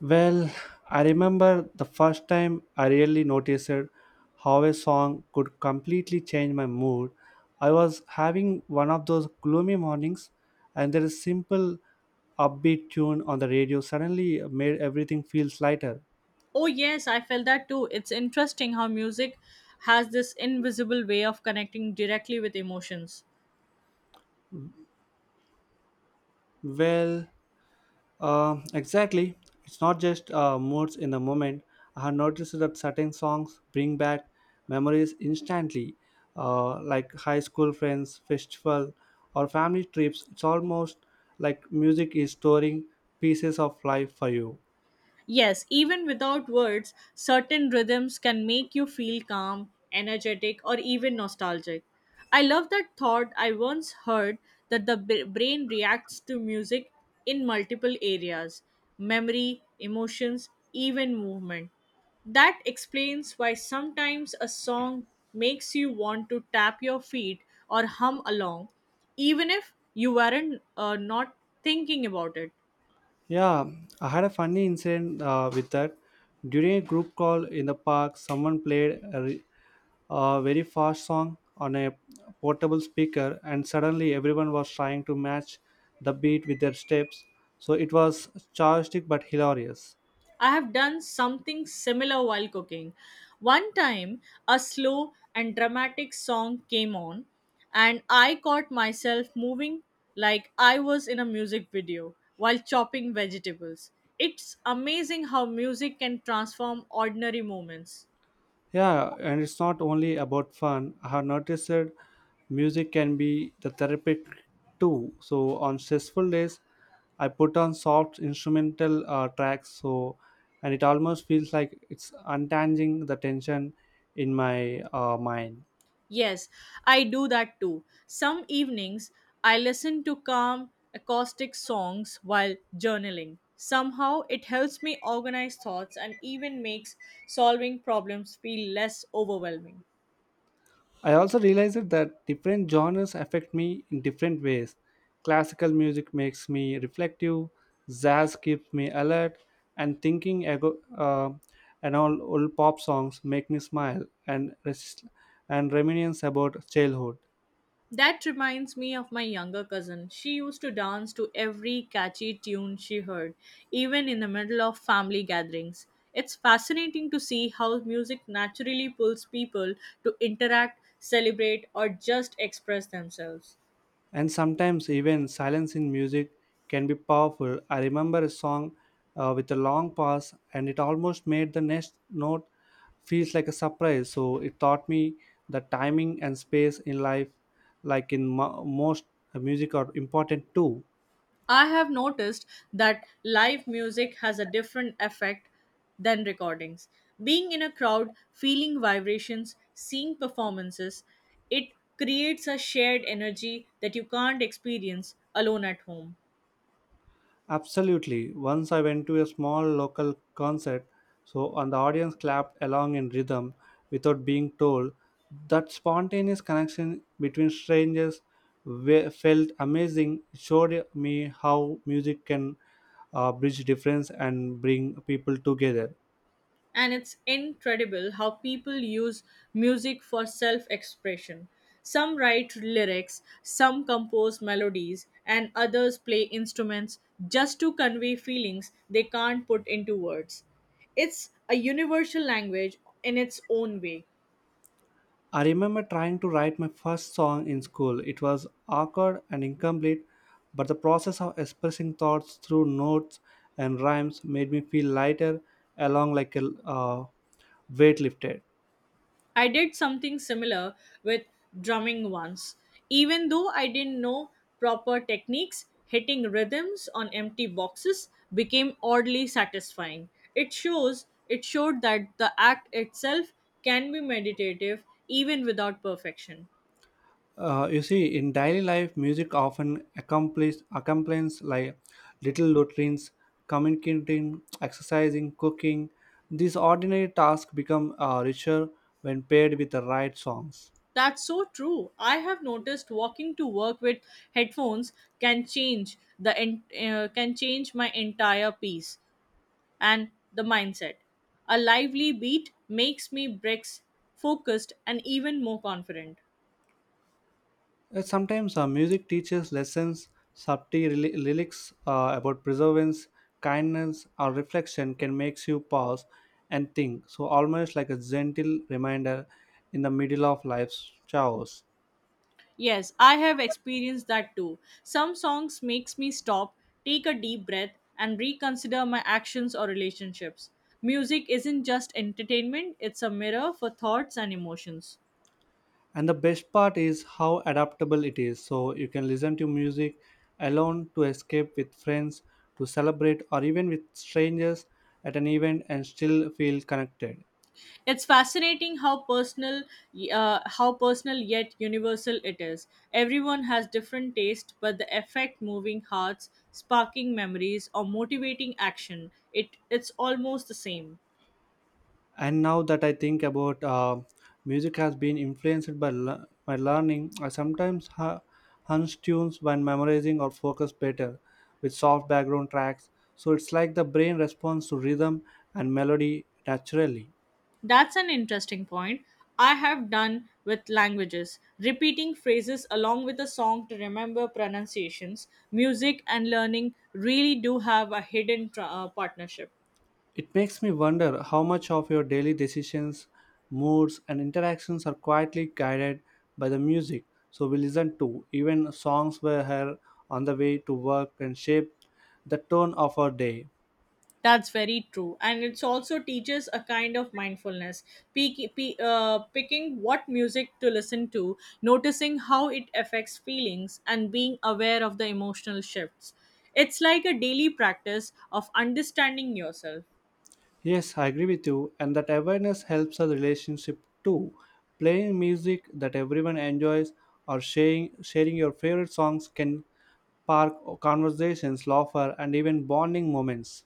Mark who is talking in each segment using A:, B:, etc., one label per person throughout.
A: Well, I remember the first time I really noticed how a song could completely change my mood. I was having one of those gloomy mornings, and there is simple upbeat tune on the radio suddenly made everything feels lighter.
B: Oh, yes, I felt that too. It's interesting how music has this invisible way of connecting directly with emotions.
A: Well, exactly. It's not just moods in the moment. I have noticed that certain songs bring back memories instantly, like high school friends, festival, or family trips. It's almost like music is storing pieces of life for you.
B: Yes, even without words, certain rhythms can make you feel calm, energetic, or even nostalgic. I love that thought I once heard that the brain reacts to music in multiple areas memory, emotions, even movement. That explains why sometimes a song makes you want to tap your feet or hum along, even if you weren't not thinking about it.
A: Yeah, I had a funny incident with that. During a group call in the park, someone played a very fast song on a portable speaker, and suddenly everyone was trying to match the beat with their steps, so it was chaotic but hilarious.
B: I have done something similar while cooking. One time, a slow and dramatic song came on, and I caught myself moving like I was in a music video while chopping vegetables. It's amazing how music can transform ordinary moments.
A: Yeah, and it's not only about fun. I have noticed that music can be the therapy too, so on stressful days I put on soft instrumental tracks, so and it almost feels like it's untangling the tension in my mind.
B: Yes, I do that too. Some evenings I listen to calm acoustic songs while journaling. Somehow it helps me organize thoughts and even makes solving problems feel less overwhelming.
A: I also realized that different genres affect me in different ways. Classical music makes me reflective, jazz keeps me alert and thinking, and all old pop songs make me smile and reminisce about childhood.
B: That reminds me of my younger cousin. She used to dance to every catchy tune she heard, even in the middle of family gatherings. It's fascinating to see how music naturally pulls people to interact, celebrate, or just express themselves.
A: And sometimes even silence in music can be powerful. I remember a song with a long pause, and it almost made the next note feels like a surprise. So it taught me that timing and space in life, like in most music, are important too.
B: I have noticed that live music has a different effect than recordings. Being in a crowd, feeling vibrations, seeing performances, it creates a shared energy that you can't experience alone at home.
A: Absolutely. Once I went to a small local concert, and the audience clapped along in rhythm without being told. That spontaneous connection between strangers felt amazing. It showed me how music can bridge difference and bring people together.
B: And it's incredible how people use music for self expression. Some write lyrics, some compose melodies, and others play instruments just to convey feelings they can't put into words. It's a universal language in its own way.
A: I remember trying to write my first song in school. It was awkward and incomplete, but the process of expressing thoughts through notes and rhymes made me feel lighter, along like a weight lifted.
B: I did something similar with drumming once. Even though I didn't know proper techniques, hitting rhythms on empty boxes became oddly satisfying. It showed that the act itself can be meditative even without perfection.
A: You see, in daily life, music often accomplishes accomplishments like little routines, communicating, exercising, cooking. These ordinary tasks become richer when paired with the right songs.
B: That's so true. I have noticed walking to work with headphones can change the can change my entire piece. And the mindset. A lively beat makes me bricks focused and even more confident.
A: Sometimes music teaches lessons, subtle lyrics about perseverance, kindness, or reflection can make you pause and think. So, almost like a gentle reminder in the middle of life's chaos.
B: Yes, I have experienced that too. Some songs makes me stop, take a deep breath and reconsider my actions or relationships. Music isn't just entertainment, it's a mirror for thoughts and emotions.
A: And the best part is how adaptable it is. So, you can listen to music alone, to escape with friends, to celebrate, or even with strangers at an event and still feel connected.
B: It's fascinating how personal yet universal it is. Everyone has different taste, but the effect, moving hearts, sparking memories, or motivating action, it's almost the same.
A: And now that I think about, music has been influenced by my learning. I sometimes hunch tunes when memorizing or focus better with soft background tracks, so it's like the brain responds to rhythm and melody naturally.
B: That's an interesting point. I have done with languages, repeating phrases along with a song to remember pronunciations. Music and learning really do have a hidden partnership.
A: It makes me wonder how much of your daily decisions, moods, and interactions are quietly guided by the music so we listen to. Even songs we hear on the way to work and shape the tone of our day.
B: That's very true. And it's also teaches a kind of mindfulness, picking what music to listen to, noticing how it affects feelings, and being aware of the emotional shifts. It's like a daily practice of understanding yourself.
A: Yes, I agree with you, and that awareness helps a relationship too. Playing music that everyone enjoys or sharing your favorite songs can spark conversations, laughter, and even bonding moments.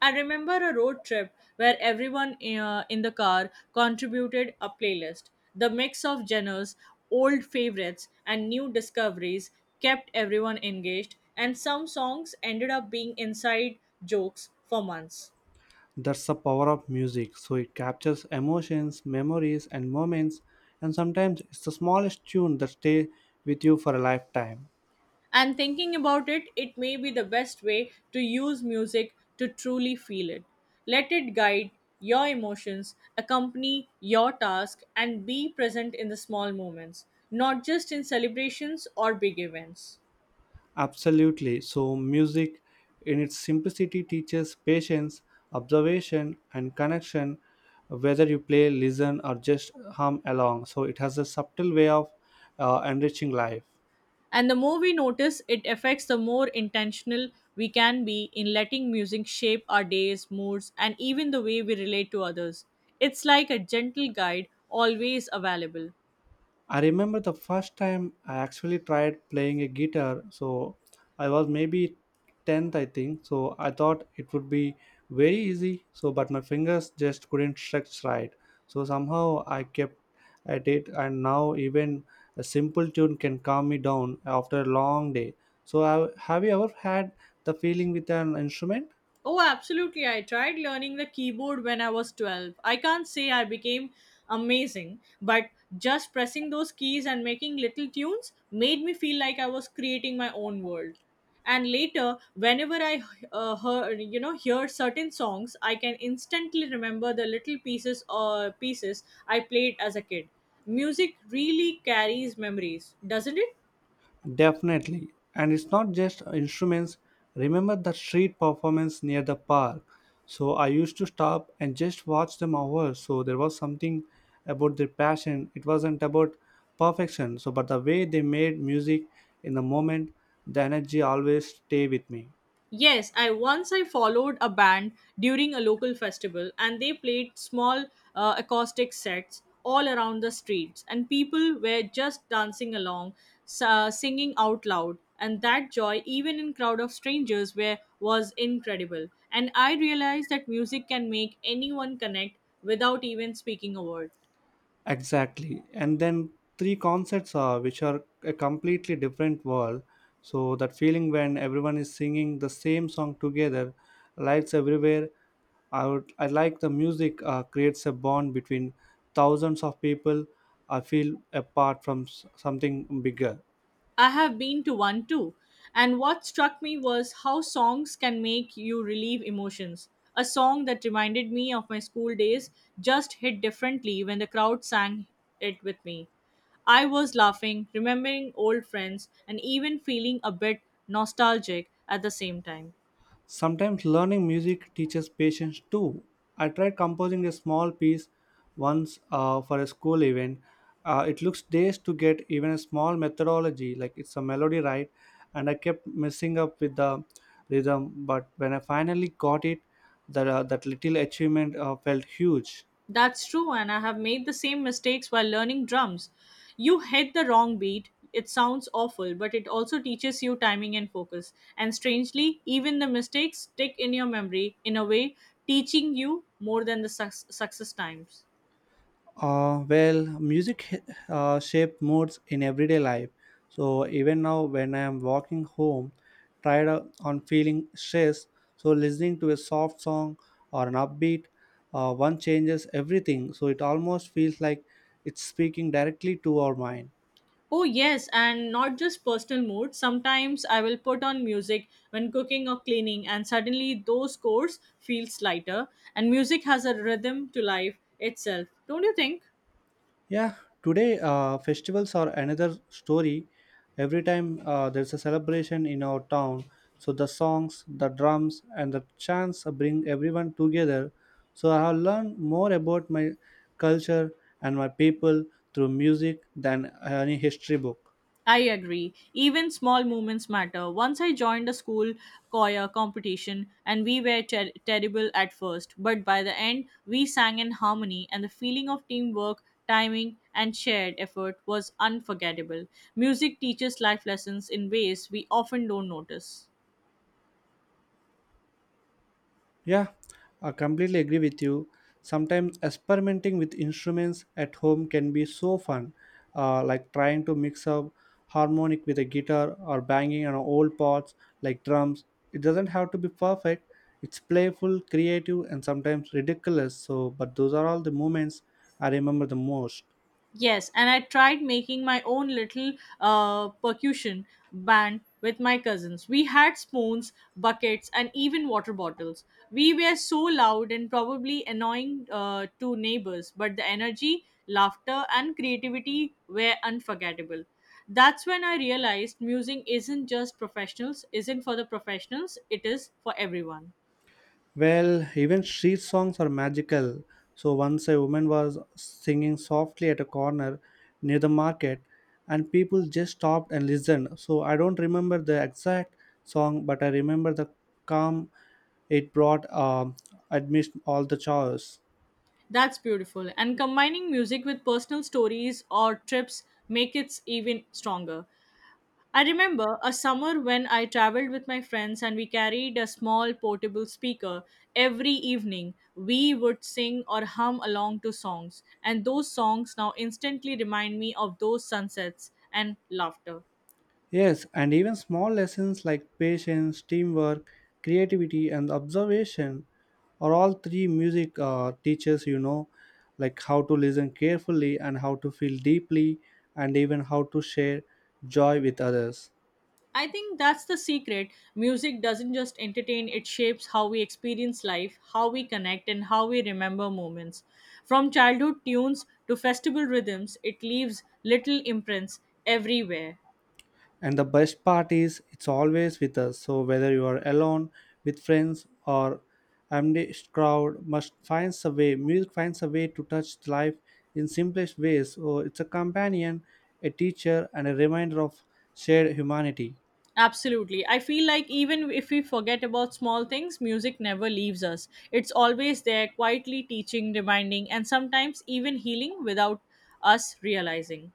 B: I remember a road trip where everyone in the car contributed a playlist. The mix of genres, old favorites, and new discoveries kept everyone engaged, and some songs ended up being inside jokes for months.
A: That's the power of music. So it captures emotions, memories, and moments, and sometimes it's the smallest tune that stay with you for a lifetime.
B: And thinking about it, it may be the best way to use music to truly feel it. Let it guide your emotions, accompany your task, and be present in the small moments, not just in celebrations or big events.
A: Absolutely. So, music, in its simplicity, teaches patience, observation, and connection, whether you play, listen, or just hum along. So, it has a subtle way of enriching life.
B: And the more we notice it affects, the more intentional we can be in letting music shape our days, moods, and even the way we relate to others. It's like a gentle guide, always available.
A: I remember the first time I actually tried playing a guitar. So I was maybe 10th, I think. So I thought it would be very easy. So, but my fingers just couldn't stretch right. So somehow I kept at it, and now even a simple tune can calm me down after a long day. So, have you ever had the feeling with an instrument?
B: Oh, absolutely. I tried learning the keyboard when I was 12. I can't say I became amazing, but just pressing those keys and making little tunes made me feel like I was creating my own world. And later, whenever I hear certain songs, I can instantly remember the little pieces I played as a kid. Music really carries memories, doesn't it?
A: Definitely. And it's not just instruments. Remember the street performance near the park. So I used to stop and just watch them hours. So there was something about their passion. It wasn't about perfection. But the way they made music in the moment, the energy always stay with me.
B: Yes, I once I followed a band during a local festival and they played small acoustic sets all around the streets and people were just dancing along singing out loud and that joy even in crowd of strangers were was incredible and I realized that music can make anyone connect without even speaking a word.
A: Exactly. And then three concerts are which are a completely different world. So that feeling when everyone is singing the same song together, lights everywhere, I would I like the music creates a bond between thousands of people. I feel apart from something bigger.
B: I have been to one too, and what struck me was how songs can make you relieve emotions. A song that reminded me of my school days just hit differently when the crowd sang it with me. I was laughing, remembering old friends, and even feeling a bit nostalgic at the same time.
A: Sometimes learning music teaches patience too. I tried composing a small piece once for a school event. It looks days to get even a small methodology, like it's a melody, right? And I kept messing up with the rhythm, but when I finally got it, that little achievement felt huge.
B: That's true, and I have made the same mistakes while learning drums. You hit the wrong beat, it sounds awful, but it also teaches you timing and focus. And strangely, even the mistakes stick in your memory in a way, teaching you more than the success times.
A: Well, music shape moods in everyday life. So even now, when I am walking home, tired on feeling stressed, so listening to a soft song or an upbeat, one changes everything. So it almost feels like it's speaking directly to our mind.
B: Oh, yes, and not just personal mood. Sometimes I will put on music when cooking or cleaning, and suddenly those chords feel lighter. And music has a rhythm to life itself, don't you think?
A: Yeah, today festivals are another story. Every time there's a celebration in our town, so the songs, the drums, and the chants bring everyone together. So I have learned more about my culture and my people through music than any history book.
B: I agree. Even small movements matter. Once I joined a school choir competition and we were terrible at first, but by the end, we sang in harmony and the feeling of teamwork, timing, and shared effort was unforgettable. Music teaches life lessons in ways we often don't notice.
A: Yeah, I completely agree with you. Sometimes experimenting with instruments at home can be so fun, like trying to mix up harmonic with a guitar or banging on old parts like drums. It doesn't have to be perfect. It's playful, creative, and sometimes ridiculous. But those are all the moments I remember the most.
B: Yes, and I tried making my own little percussion band with my cousins. We had spoons, buckets, and even water bottles. We were so loud and probably annoying to neighbors, but the energy, laughter, and creativity were unforgettable. That's when I realized music isn't just professionals, isn't for the professionals, it is for everyone.
A: Well, even street songs are magical. So once a woman was singing softly at a corner near the market, and people just stopped and listened. So I don't remember the exact song, but I remember the calm it brought, amidst all the chaos.
B: That's beautiful. And combining music with personal stories or trips make it even stronger. I remember a summer when I traveled with my friends and we carried a small portable speaker. Every evening, we would sing or hum along to songs, and those songs now instantly remind me of those sunsets and laughter.
A: Yes, and even small lessons like patience, teamwork, creativity, and observation are all three music teaches, like how to listen carefully and how to feel deeply, and even how to share joy with others.
B: I think that's the secret. Music doesn't just entertain, it shapes how we experience life, how we connect, and how we remember moments. From childhood tunes to festival rhythms, it leaves little imprints everywhere.
A: And the best part is it's always with us, so whether you are alone with friends or amidst crowd must finds a way music finds a way to touch life in simplest ways, so it's a companion, a teacher, and a reminder of shared humanity.
B: Absolutely. I feel like even if we forget about small things, music never leaves us. It's always there, quietly teaching, reminding, and sometimes even healing without us realizing.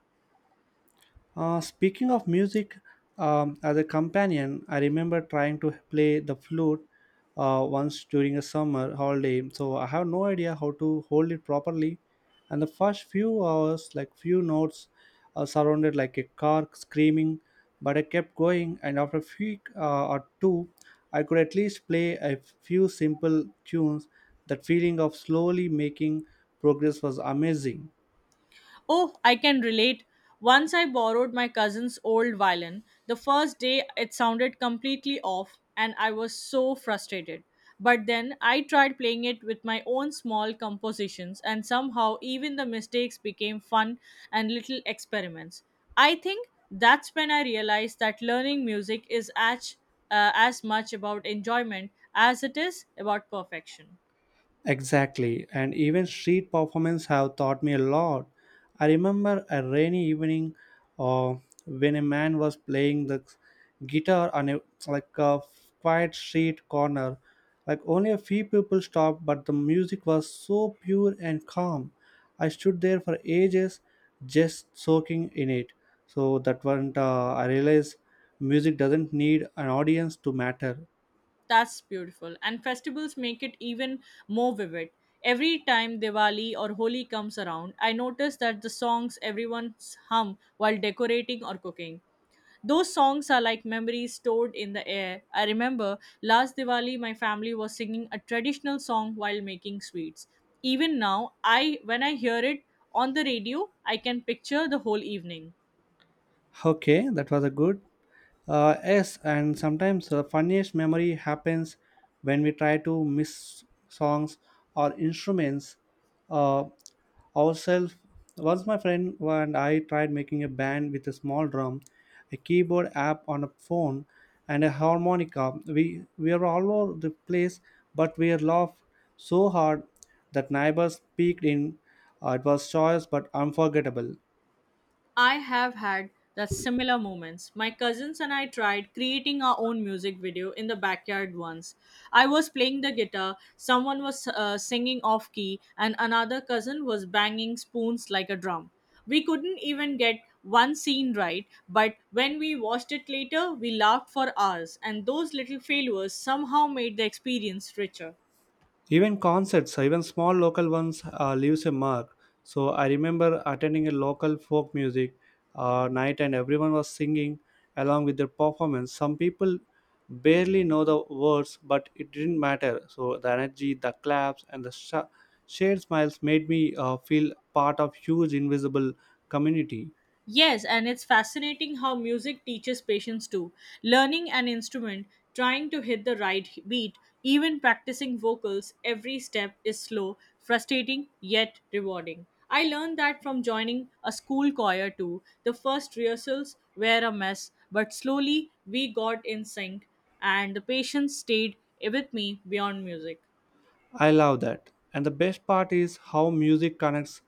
A: Speaking of music, as a companion, I remember trying to play the flute once during a summer holiday. So I have no idea how to hold it properly. And the first few hours, like few notes, surrounded like a car screaming. But I kept going, and after a few or two, I could at least play a few simple tunes. That feeling of slowly making progress was amazing.
B: Oh, I can relate. Once I borrowed my cousin's old violin. The first day it sounded completely off and I was so frustrated. But then I tried playing it with my own small compositions and somehow even the mistakes became fun and little experiments. I think that's when I realized that learning music is as much about enjoyment as it is about perfection.
A: Exactly, and even street performance have taught me a lot. I remember a rainy evening uh, when a man was playing the guitar on a like a quiet street corner. Like only a few people stopped, but the music was so pure and calm. I stood there for ages, just soaking in it. So that one, I realized music doesn't need an audience to matter.
B: That's beautiful. And festivals make it even more vivid. Every time Diwali or Holi comes around, I notice that the songs everyone hum while decorating or cooking. Those songs are like memories stored in the air. I remember last Diwali my family was singing a traditional song while making sweets. Even now, I when I hear it on the radio, I can picture the whole evening.
A: Okay, that was a good. Yes, and sometimes the funniest memory happens when we try to miss songs or instruments uh, ourselves. Once my friend and I tried making a band with a small drum, a keyboard app on a phone, and a harmonica. We were all over the place, but we laughed so hard that neighbors peeked in. It was joyous but unforgettable.
B: I have had the similar moments. My cousins and I tried creating our own music video in the backyard once. I was playing the guitar, someone was singing off key, and another cousin was banging spoons like a drum. We couldn't even get one scene right, but when we watched it later, we laughed for hours, and those little failures somehow made the experience richer.
A: Even concerts, even small local ones, leaves a mark. So I remember attending a local folk music night, and everyone was singing along with their performance. Some people barely know the words, but it didn't matter, so the energy, the claps, and the shared smiles made me feel part of huge invisible community.
B: Yes, and it's fascinating how music teaches patience too. Learning an instrument, trying to hit the right beat, even practicing vocals, every step is slow, frustrating, yet rewarding. I learned that from joining a school choir too. The first rehearsals were a mess, but slowly we got in sync, and the patience stayed with me beyond music.
A: I love that. And the best part is how music connects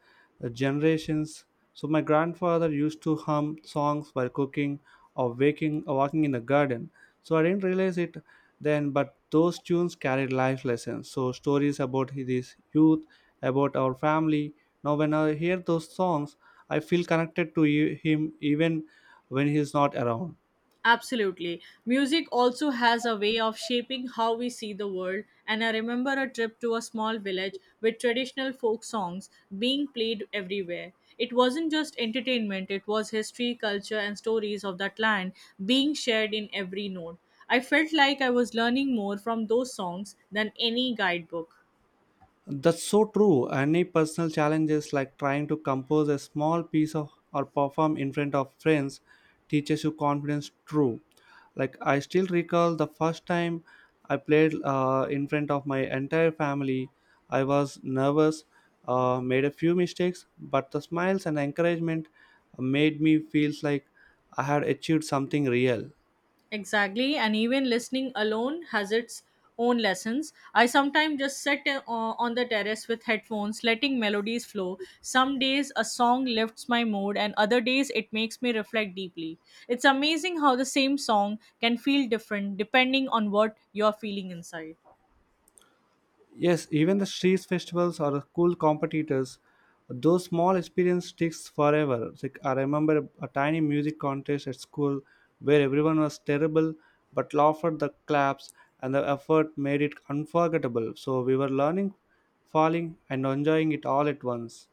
A: generations. So my grandfather used to hum songs while cooking or waking or walking in the garden. So I didn't realize it then, but those tunes carried life lessons. So stories about his youth, about our family. Now when I hear those songs, I feel connected to him even when he's not around.
B: Absolutely. Music also has a way of shaping how we see the world, and I remember a trip to a small village with traditional folk songs being played everywhere. It wasn't just entertainment, it was history, culture, and stories of that land being shared in every note. I felt like I was learning more from those songs than any guidebook.
A: That's so true. Any personal challenges like trying to compose a small piece of or perform in front of friends teaches you confidence true. Like I still recall the first time I played in front of my entire family. I was nervous, made a few mistakes, but the smiles and encouragement made me feel like I had achieved something real.
B: Exactly, and even listening alone has its own lessons. I sometimes just sit on the terrace with headphones, letting melodies flow. Some days a song lifts my mood, and other days it makes me reflect deeply. It's amazing how the same song can feel different depending on what you're feeling inside.
A: Yes, even the street festivals are cool competitors. Those small experience sticks forever. It's like I remember a tiny music contest at school where everyone was terrible but laughed at the claps, and the effort made it unforgettable. So we were learning, falling, and enjoying it all at once.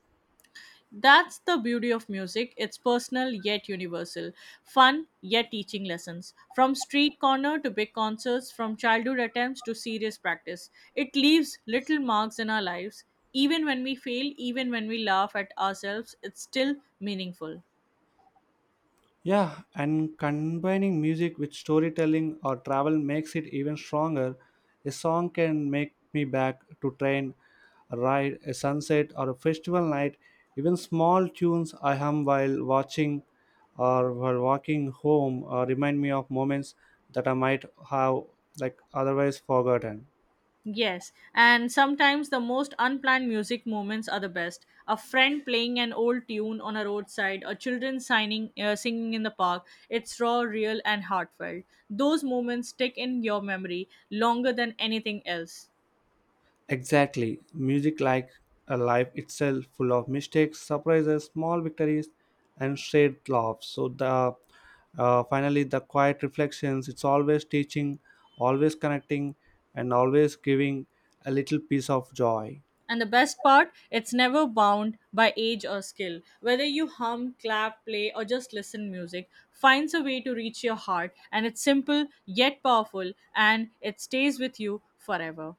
B: That's the beauty of music. It's personal yet universal, fun yet teaching lessons. From street corner to big concerts, from childhood attempts to serious practice, it leaves little marks in our lives. Even when we fail, even when we laugh at ourselves, it's still meaningful.
A: Yeah, and combining music with storytelling or travel makes it even stronger. A song can make me back to train, a ride, a sunset, or a festival night. Even small tunes I hum while watching or while walking home remind me of moments that I might have like otherwise forgotten.
B: Yes, and sometimes the most unplanned music moments are the best. A friend playing an old tune on a roadside, or children singing in the park. It's raw, real, and heartfelt. Those moments stick in your memory longer than anything else.
A: Exactly. Music like a life itself, full of mistakes, surprises, small victories, and shared laughs. So, the finally the quiet reflections. It's always teaching, always connecting, and always giving a little piece of joy.
B: And the best part, it's never bound by age or skill. Whether you hum, clap, play, or just listen music finds a way to reach your heart, and it's simple yet powerful, and it stays with you forever.